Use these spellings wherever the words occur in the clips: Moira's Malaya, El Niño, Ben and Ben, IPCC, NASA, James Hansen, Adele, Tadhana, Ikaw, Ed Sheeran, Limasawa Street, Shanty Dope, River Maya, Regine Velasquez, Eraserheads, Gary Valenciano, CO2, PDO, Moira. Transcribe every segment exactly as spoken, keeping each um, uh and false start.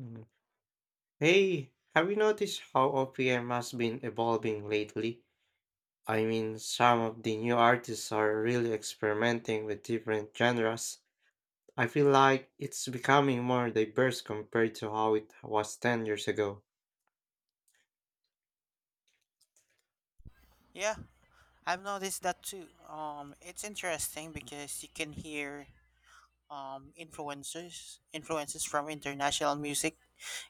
Mm. Hey, have you noticed how O P M has been evolving lately? I mean, some of the new artists are really experimenting with different genres. I feel like it's becoming more diverse compared to how it was ten years ago. Yeah, I've noticed that too. Um, it's interesting because you can hear um, influences influences from international music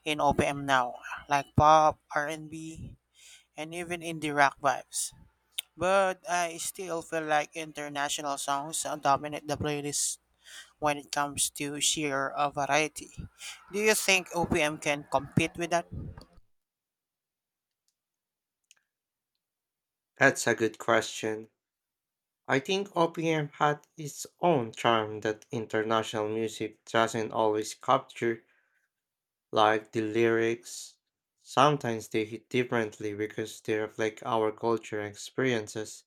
in O P M now, like pop, R and B, and even indie rock vibes. But I still feel like international songs uh, dominate the playlist when it comes to sheer uh, variety. Do you think O P M can compete with that? That's a good question. I think O P M had its own charm that international music doesn't always capture, like the lyrics. Sometimes they hit differently because they reflect our culture and experiences.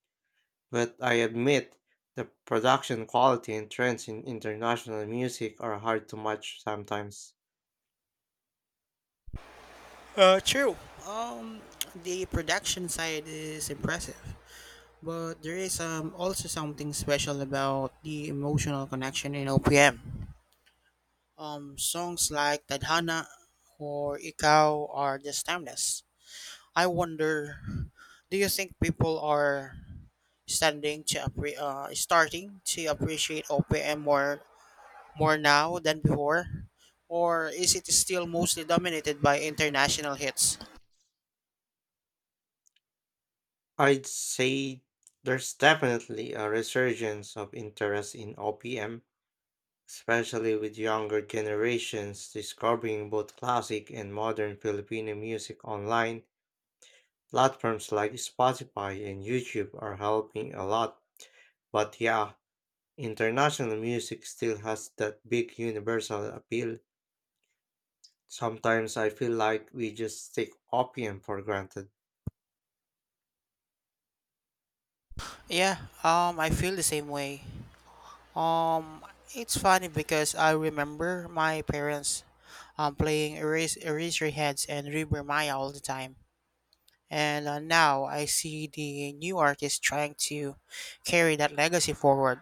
But I admit, the production quality and trends in international music are hard to match sometimes. Uh, true. Um, the production side is impressive. But there is um, also something special about the emotional connection in O P M. Um, songs like Tadhana or Ikaw are just timeless. I wonder, do you think people are standing to appre- uh, starting to appreciate O P M more more now than before, or is it still mostly dominated by international hits? I'd say there's definitely a resurgence of interest in O P M, especially with younger generations discovering both classic and modern Filipino music online. Platforms like Spotify and YouTube are helping a lot. But yeah, international music still has that big universal appeal. Sometimes I feel like we just take opium for granted. Yeah, um, I feel the same way. Um, it's funny because I remember my parents um, playing Eras- Eraserheads and River Maya all the time. And uh, now I see the new artists trying to carry that legacy forward.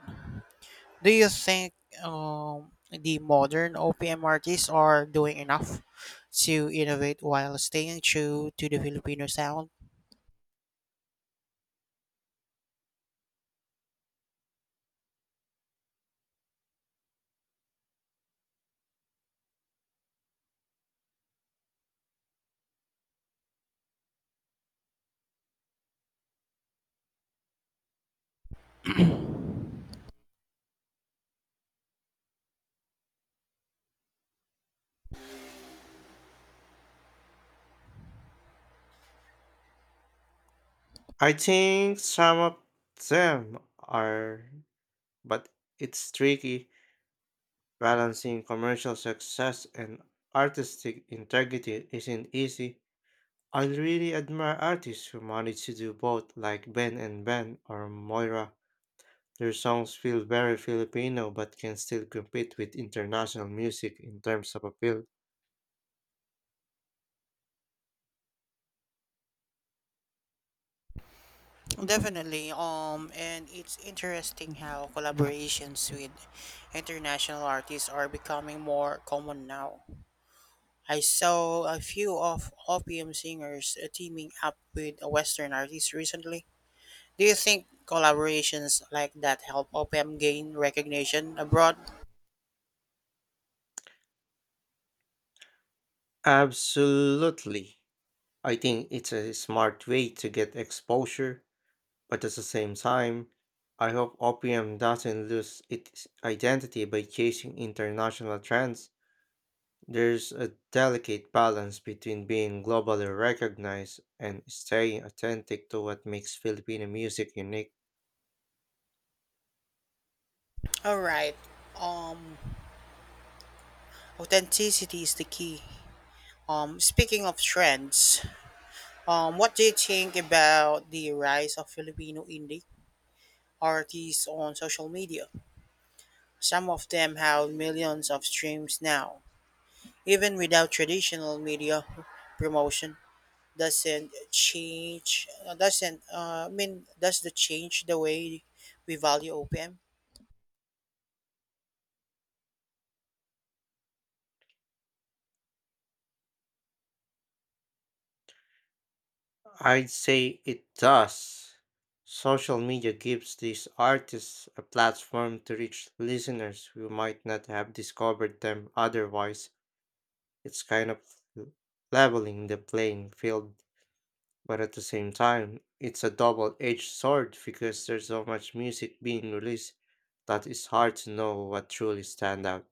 Do you think um, the modern O P M artists are doing enough to innovate while staying true to the Filipino sound? I think some of them are, but it's tricky. Balancing commercial success and artistic integrity isn't easy. I really admire artists who manage to do both, like Ben and Ben or Moira. Their songs feel very Filipino but can still compete with international music in terms of appeal. Definitely. Um, and it's interesting how collaborations with international artists are becoming more common now. I saw a few of opium singers uh, teaming up with a Western artists recently. Do you think collaborations like that help opium gain recognition abroad? Absolutely. I think it's a smart way to get exposure, but at the same time, I hope O P M doesn't lose its identity by chasing international trends. There's a delicate balance between being globally recognized and staying authentic to what makes Filipino music unique. All right. Um, Authenticity is the key. Um, speaking of trends, um, what do you think about the rise of Filipino indie artists on social media? Some of them have millions of streams now. Even without traditional media promotion, doesn't change uh, doesn't uh, I mean does the change the way we value O P M? I'd say it does. Social media gives these artists a platform to reach listeners who might not have discovered them otherwise. It's kind of l- leveling the playing field, but at the same time, it's a double edged sword because there's so much music being released that it's hard to know what truly stand out.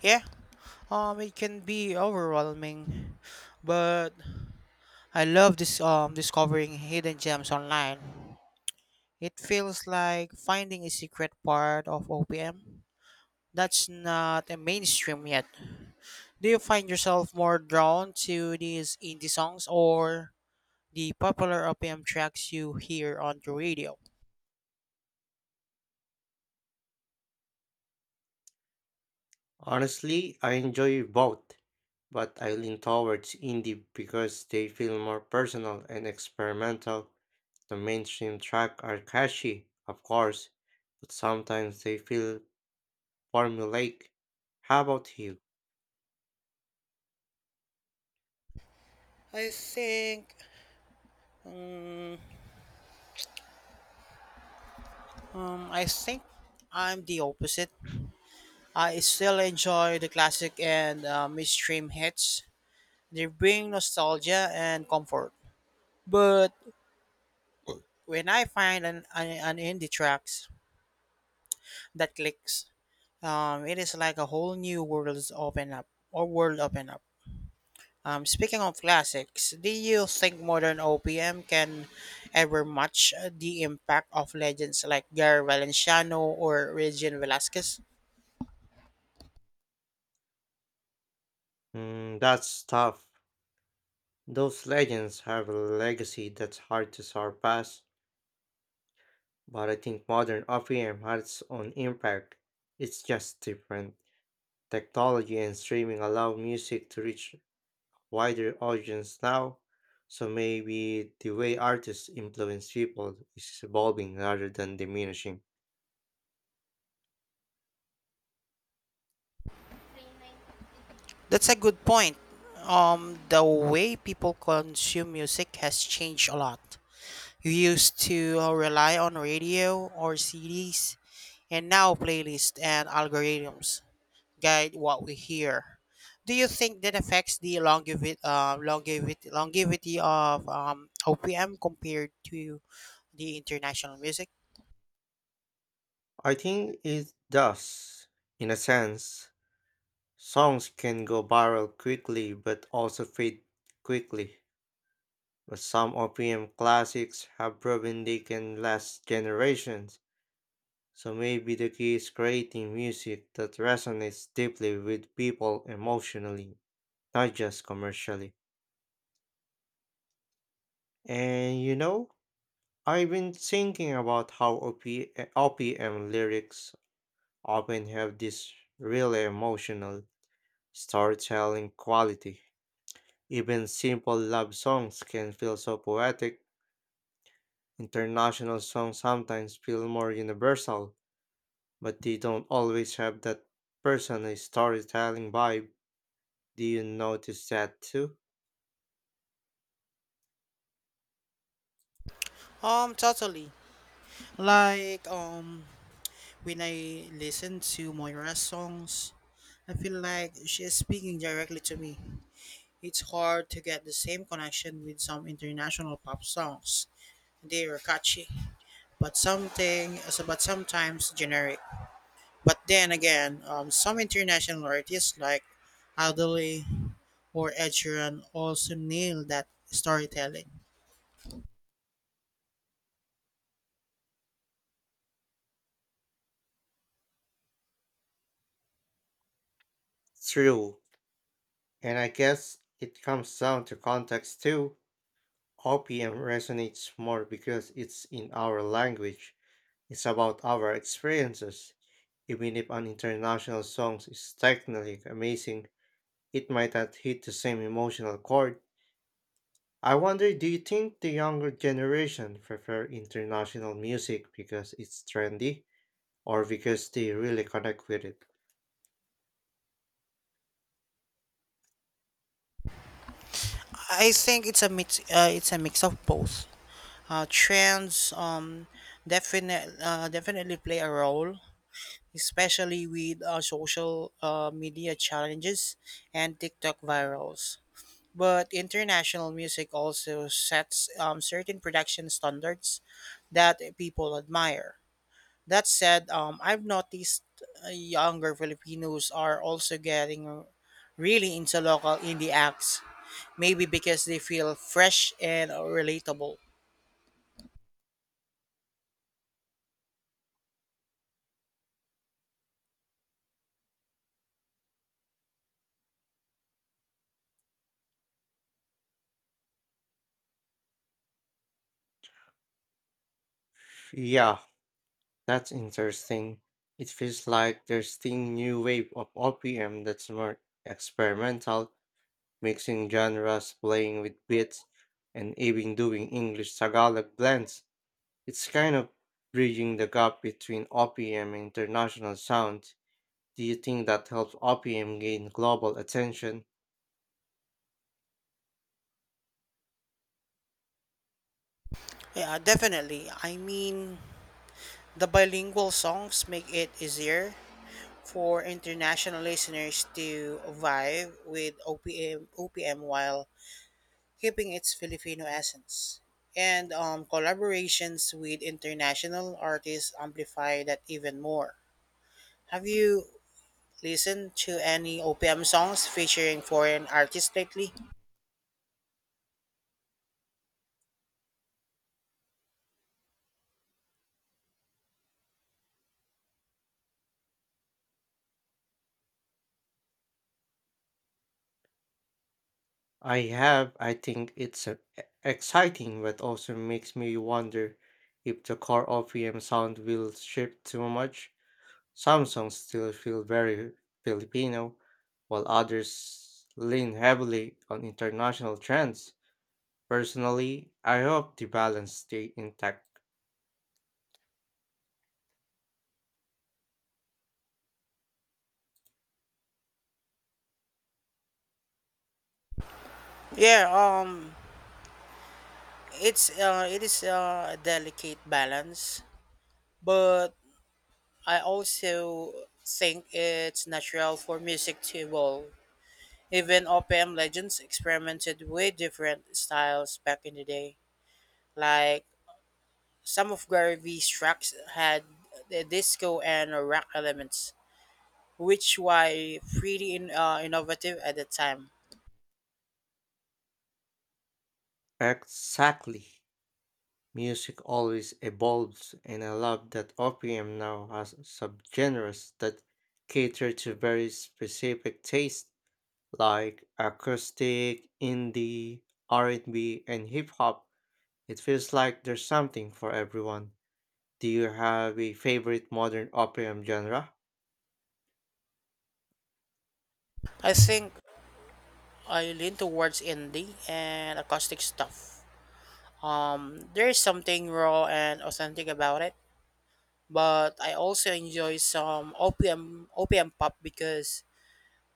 Yeah, um, it can be overwhelming, but I love this um discovering hidden gems online. It feels like finding a secret part of O P M that's not a mainstream yet. Do you find yourself more drawn to these indie songs or the popular O P M tracks you hear on the radio? Honestly, I enjoy both, but I lean towards indie because they feel more personal and experimental. The mainstream tracks are catchy, of course, but sometimes they feel formulaic. How about you? I think mm, um, I think I'm the opposite. I still enjoy the classic and uh, mainstream hits. They bring nostalgia and comfort. But when I find an, an, an indie tracks that clicks, um, it is like a whole new world open up or world open up. Um, speaking of classics, do you think modern O P M can ever match uh, the impact of legends like Gary Valenciano or Regine Velasquez? Mm, that's tough. Those legends have a legacy that's hard to surpass, but I think modern O P M has its own impact. It's just different. Technology and streaming allow music to reach wider audience now, so maybe the way artists influence people is evolving rather than diminishing. That's a good point. Um, the way people consume music has changed a lot. You used to uh, rely on radio or C Ds, and now playlists and algorithms guide what we hear. Do you think that affects the longevity, uh, longevity, longevity of um, O P M compared to the international music? I think it does, in a sense. Songs can go viral quickly but also fade quickly. But some O P M classics have proven they can last generations, so maybe the key is creating music that resonates deeply with people emotionally, not just commercially. And you know, I've been thinking about how O P, uh, O P M lyrics often have this really emotional storytelling quality. Even simple love songs can feel so poetic. International songs sometimes feel more universal but they don't always have that personal storytelling vibe. Do you notice that too? Um, totally. Like um, when I listen to Moira's songs, I feel like she is speaking directly to me. It's hard to get the same connection with some international pop songs. They are catchy, but something, so, but sometimes generic. But then again, um, some international artists like Adele or Ed Sheeran also nail that storytelling. True. And I guess it comes down to context too. O P M resonates more because it's in our language. It's about our experiences. Even if an international song is technically amazing, it might not hit the same emotional chord. I wonder, do you think the younger generation prefer international music because it's trendy, or because they really connect with it? I think it's a mix. Uh, it's a mix of both. Uh, trends um definite uh, definitely play a role, especially with uh, social uh, media challenges and TikTok virals. But international music also sets um, certain production standards that people admire. That said, um, I've noticed uh, younger Filipinos are also getting really into local indie acts, maybe because they feel fresh and relatable. Yeah, that's interesting. It feels like there's thing new wave of O P M that's more experimental, mixing genres, playing with beats, and even doing English Tagalog blends. It's kind of bridging the gap between O P M and international sound. Do you think that helps O P M gain global attention? Yeah, definitely. I mean, the bilingual songs make it easier for international listeners to vibe with O P M, O P M while keeping its Filipino essence. And um, collaborations with international artists amplify that even more. Have you listen to any O P M songs featuring foreign artists lately? I have. I think it's uh, e- exciting, but also makes me wonder if the core O P M sound will shift too much. Some songs still feel very Filipino, while others lean heavily on international trends. Personally, I hope the balance stay intact. Yeah, um it's uh it is uh, a delicate balance, but I also think it's natural for music to evolve. Even O P M legends experimented with different styles back in the day. Like some of Gary V's tracks had the disco and rock elements, which were pretty in, uh, innovative at the time. Exactly. Music always evolves, and I love that O P M now has subgenres that cater to very specific tastes, like acoustic, indie, R and B, and B, and hip hop. It feels like there's something for everyone. Do you have a favorite modern opera genre? I think I lean towards indie and acoustic stuff. Um, there's something raw and authentic about it, but I also enjoy some O P M O P M pop because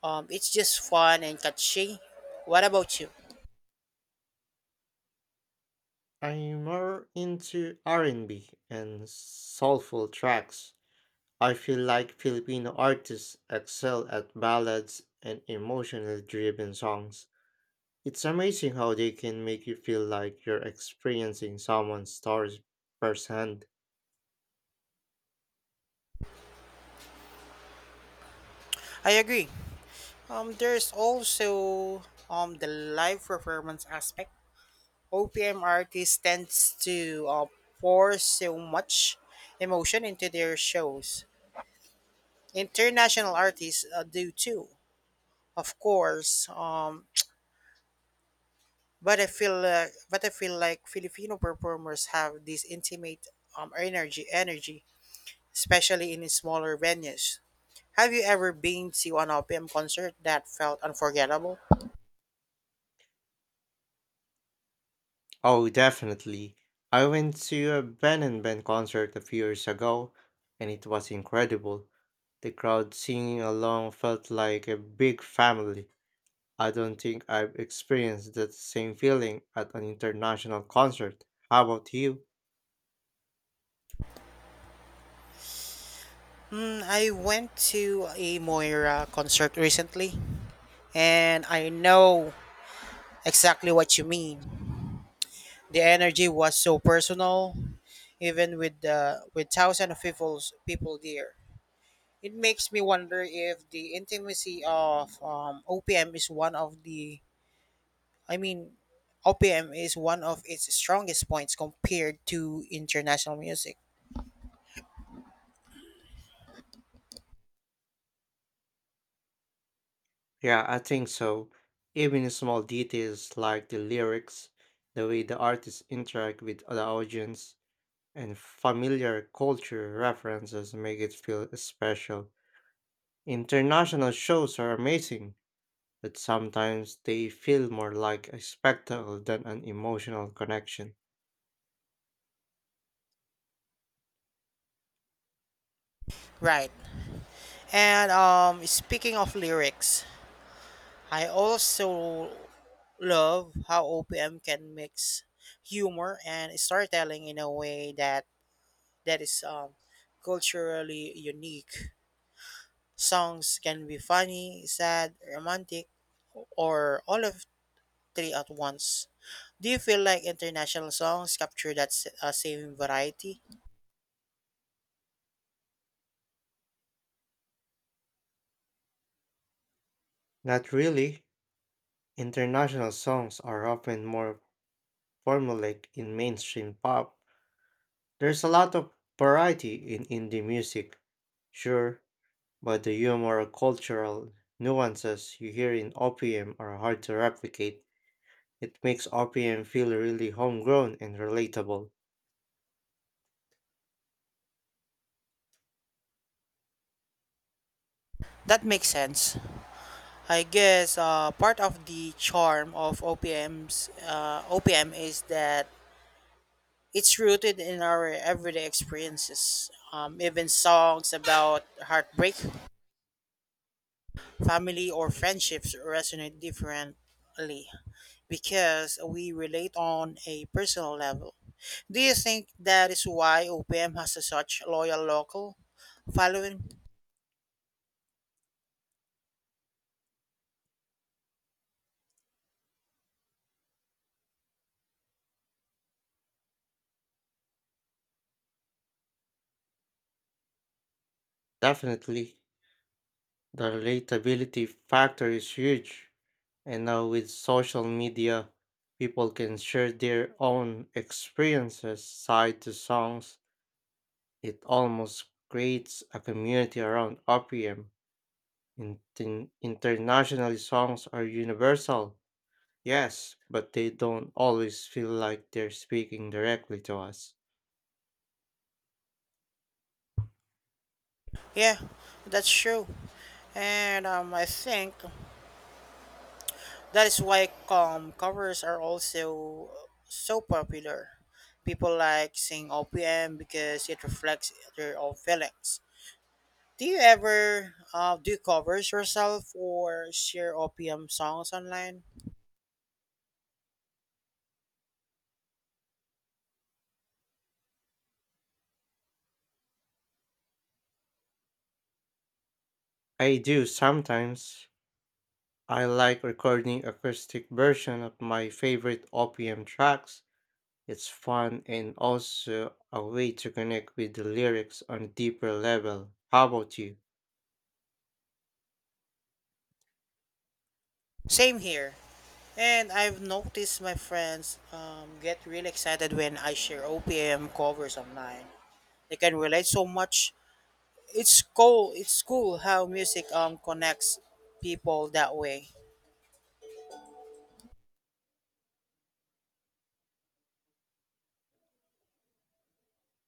um, it's just fun and catchy. What about you? I'm more into R and B and B and soulful tracks. I feel like Filipino artists excel at ballads and emotionally driven songs. It's amazing how they can make you feel like you're experiencing someone's stories firsthand. I agree. Um, there's also um the live performance aspect. O P M artists tends to uh, pour so much emotion into their shows. International artists uh, do too, of course, um, but I feel uh, but I feel like Filipino performers have this intimate um, energy, energy, especially in smaller venues. Have you ever been to an O P M concert that felt unforgettable? Oh, definitely. I went to a Ben and Ben concert a few years ago, and it was incredible. The crowd singing along felt like a big family. I don't think I've experienced that same feeling at an international concert. How about you? Mm, I went to a Moira concert recently, and I know exactly what you mean. The energy was so personal, even with the with thousands of people's people there. It makes me wonder if the intimacy of um, O P M is one of the, I mean, O P M is one of its strongest points compared to international music. Yeah, I think so. Even small details like the lyrics, the way the artists interact with the audience, and familiar culture references make it feel special. International shows are amazing, but sometimes they feel more like a spectacle than an emotional connection. Right. And um, speaking of lyrics, I also love how O P M can mix humor and storytelling in a way that that is um, culturally unique. Songs can be funny, sad, romantic, or all of three at once. Do you feel like international songs capture that s- uh, same variety? Not really. International songs are often more formulaic in mainstream pop. There's a lot of variety in indie music, sure, but the humor or cultural nuances you hear in O P M are hard to replicate. It makes O P M feel really homegrown and relatable. That makes sense. I guess uh, part of the charm of O P M's uh, O P M is that it's rooted in our everyday experiences. Um, even songs about heartbreak, family, or friendships resonate differently because we relate on a personal level. Do you think that is why O P M has a such loyal local following? Definitely. The relatability factor is huge. And now with social media, people can share their own experiences side to songs. It almost creates a community around O P M. Inten- internationally, songs are universal, yes, but they don't always feel like they're speaking directly to us. Yeah, that's true. And um, I think that is why um, covers are also so popular. People like seeing O P M because it reflects their own feelings. Do you ever uh, do covers yourself or share O P M songs online? I do sometimes. I like recording acoustic version of my favorite O P M tracks. It's fun and also a way to connect with the lyrics on a deeper level. How about you? Same here. And I've noticed my friends um, get really excited when I share O P M covers online. They can relate so much. It's cool. It's cool how music um connects people that way.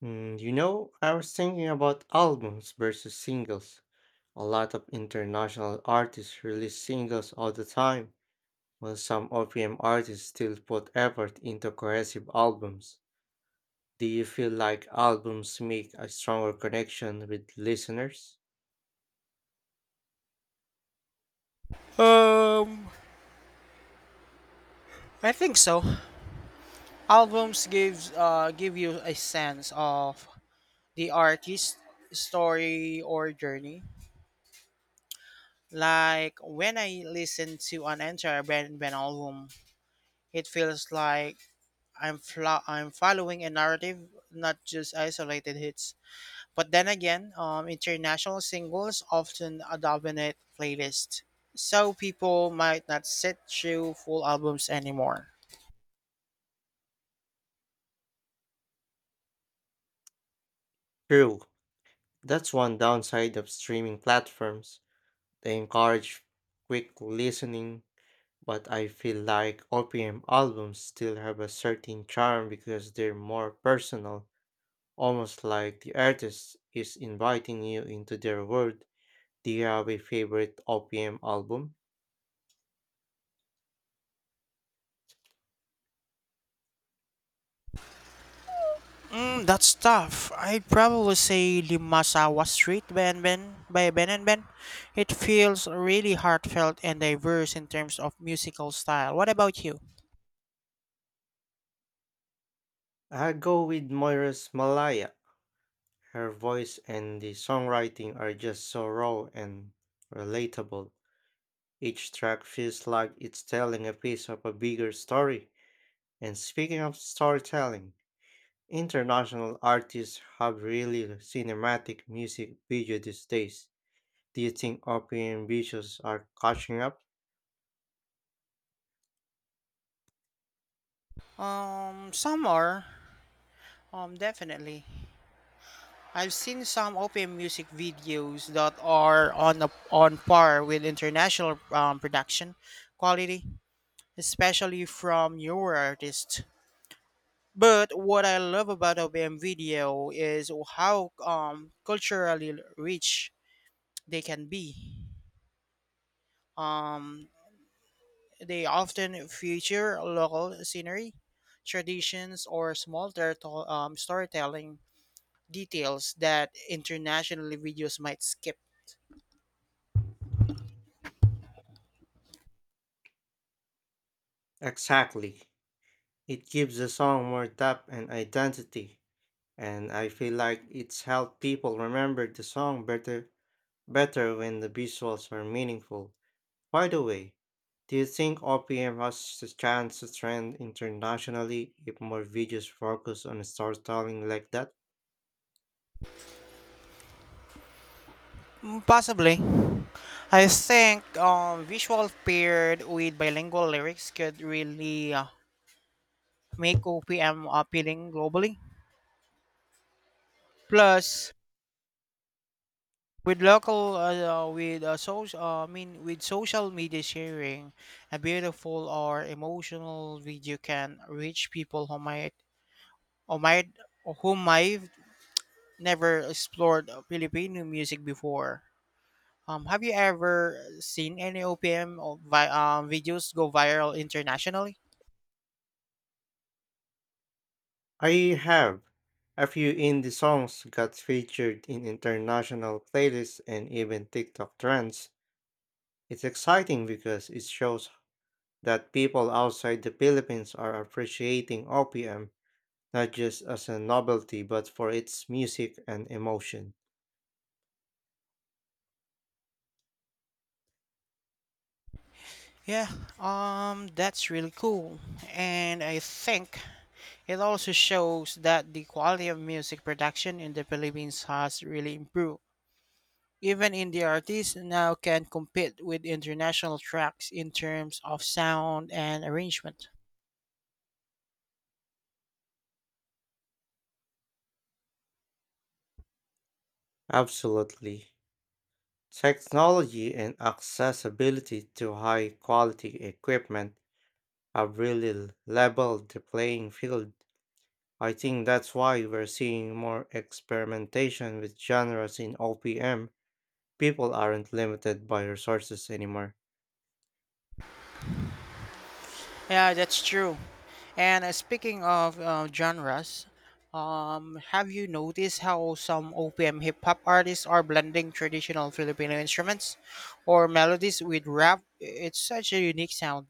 Mm, you know, I was thinking about albums versus singles. A lot of international artists release singles all the time, while some O P M artists still put effort into cohesive albums. Do you feel like albums make a stronger connection with listeners? Um, I think so. Albums gives uh give you a sense of the artist's story or journey. Like when I listen to an entire band, band album, it feels like I'm fla- I'm following a narrative, not just isolated hits. But then again, um, international singles often uh, dominate playlists, so people might not sit through full albums anymore. True, that's one downside of streaming platforms. They encourage quick listening. But I feel like O P M albums still have a certain charm because they're more personal, almost like the artist is inviting you into their world. Do you have a favorite O P M album? Mm, that's tough. I'd probably say Limasawa Street Ben Ben by Ben and Ben. It feels really heartfelt and diverse in terms of musical style. What about you? I go with Moira's Malaya. Her voice and the songwriting are just so raw and relatable. Each track feels like it's telling a piece of a bigger story. And speaking of storytelling, international artists have really cinematic music video these days. Do you think European visuals are catching up? Um, some are. Um, definitely. I've seen some O P M music videos that are on a, on par with international um, production quality, especially from newer artists. But what I love about O P M video is how um, culturally rich they can be. Um, they often feature local scenery, traditions, or small terto- um, storytelling details that internationally videos might skip. Exactly. It gives the song more depth and identity, and I feel like it's helped people remember the song better better when the visuals are meaningful. By the way, do you think O P M has the chance to trend internationally if more videos focus on storytelling like that? Mm, Possibly. I think um, visual paired with bilingual lyrics could really uh, make O P M appealing globally. Plus, with local uh, uh, with uh, social uh, I mean with social media sharing, a beautiful or emotional video can reach people who might who might who might never explored Filipino music before. Um, have you ever seen any O P M or vi- um, videos go viral internationally? I have. A few indie songs got featured in international playlists and even TikTok trends. It's exciting because it shows that people outside the Philippines are appreciating O P M not just as a novelty but for its music and emotion. Yeah, um, that's really cool. And I think it also shows that the quality of music production in the Philippines has really improved. Even indie artists now can compete with international tracks in terms of sound and arrangement. Absolutely. Technology and accessibility to high quality equipment have really leveled the playing field. I think that's why we're seeing more experimentation with genres in O P M. People aren't limited by resources anymore. Yeah, that's true. And uh, speaking of uh, genres, um, have you noticed how some O P M hip hop artists are blending traditional Filipino instruments or melodies with rap? It's such a unique sound.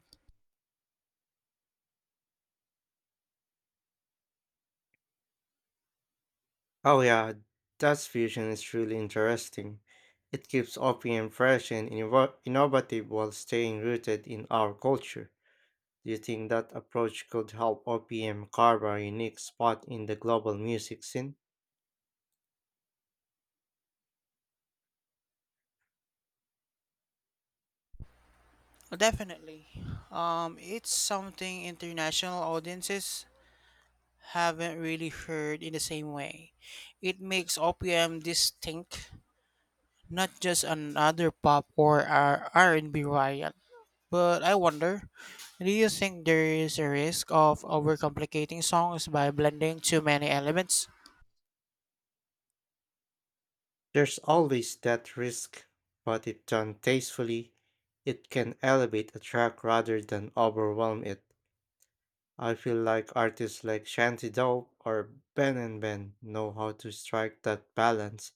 Oh, yeah, that's fusion is really interesting. It keeps O P M fresh and innov- innovative while staying rooted in our culture. Do you think that approach could help O P M carve a unique spot in the global music scene? Definitely. Um, it's something international audiences haven't really heard in the same way. It makes O P M distinct, not just another pop or R- R&B riot. But I wonder, do you think there is a risk of overcomplicating songs by blending too many elements? There's always that risk, but if done tastefully, it can elevate a track rather than overwhelm it. I feel like artists like Shanty Dope or Ben and Ben know how to strike that balance.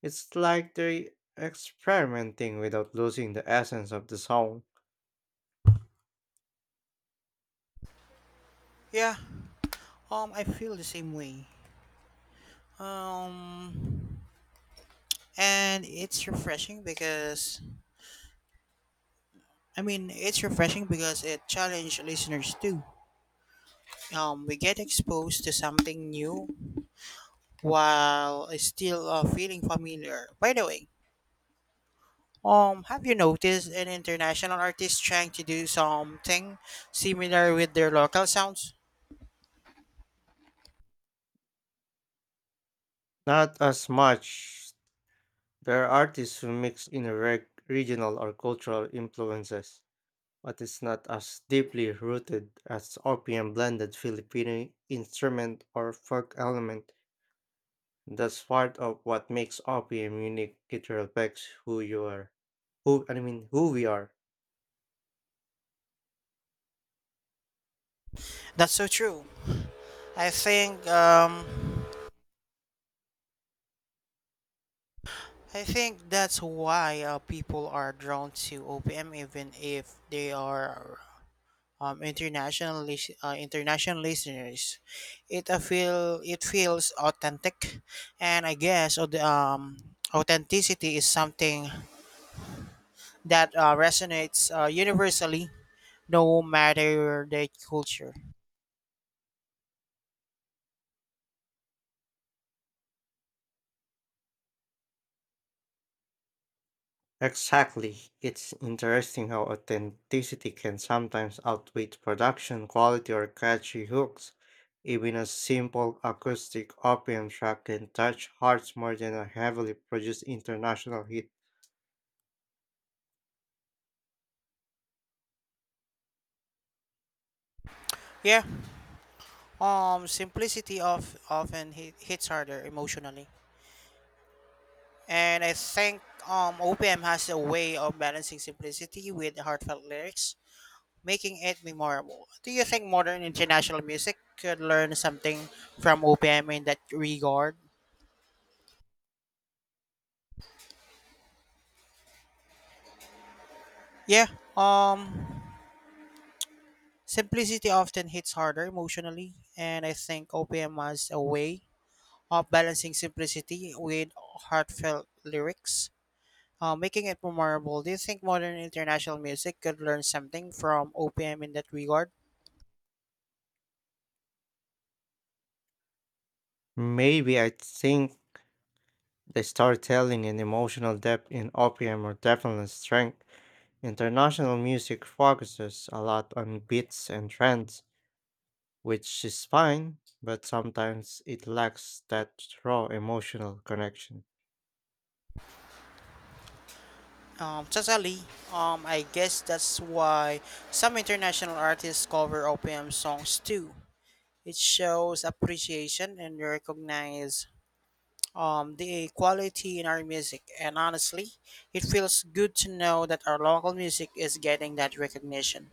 It's like they're experimenting without losing the essence of the song. Yeah, um, I feel the same way. Um, and it's refreshing because I mean it's refreshing because it challenged listeners too. Um, we get exposed to something new while still uh, feeling familiar. By the way, um, have you noticed an international artist trying to do something similar with their local sounds? Not as much. There are artists who mix in reg- regional or cultural influences, but it's not as deeply rooted as opium blended Filipino instrument or folk element. That's part of what makes opium unique. It reflects who you are. Who I mean who we are. That's so true. I think um, I think that's why uh, people are drawn to O P M, even if they are um, international lis- uh, international listeners. It uh, feel it feels authentic, and I guess uh, the, um, authenticity is something that uh, resonates uh, universally, no matter the culture. Exactly. It's interesting how authenticity can sometimes outweigh production quality or catchy hooks. Even a simple acoustic opium track can touch hearts more than a heavily produced international hit. Yeah. Um, simplicity of often hit, hits harder emotionally. And I think um, O P M has a way of balancing simplicity with heartfelt lyrics, making it memorable. Do you think modern international music could learn something from O P M in that regard? Yeah, um, simplicity often hits harder emotionally, and I think O P M has a way of balancing simplicity with heartfelt lyrics, uh, making it memorable. Do you think modern international music could learn something from O P M in that regard? Maybe I think the storytelling and emotional depth in Opium are definitely a strength. International music focuses a lot on beats and trends, which is fine, but sometimes it lacks that raw emotional connection. Um, totally. Um, I guess that's why some international artists cover O P M songs too. It shows appreciation and recognize um, the quality in our music. And honestly, it feels good to know that our local music is getting that recognition.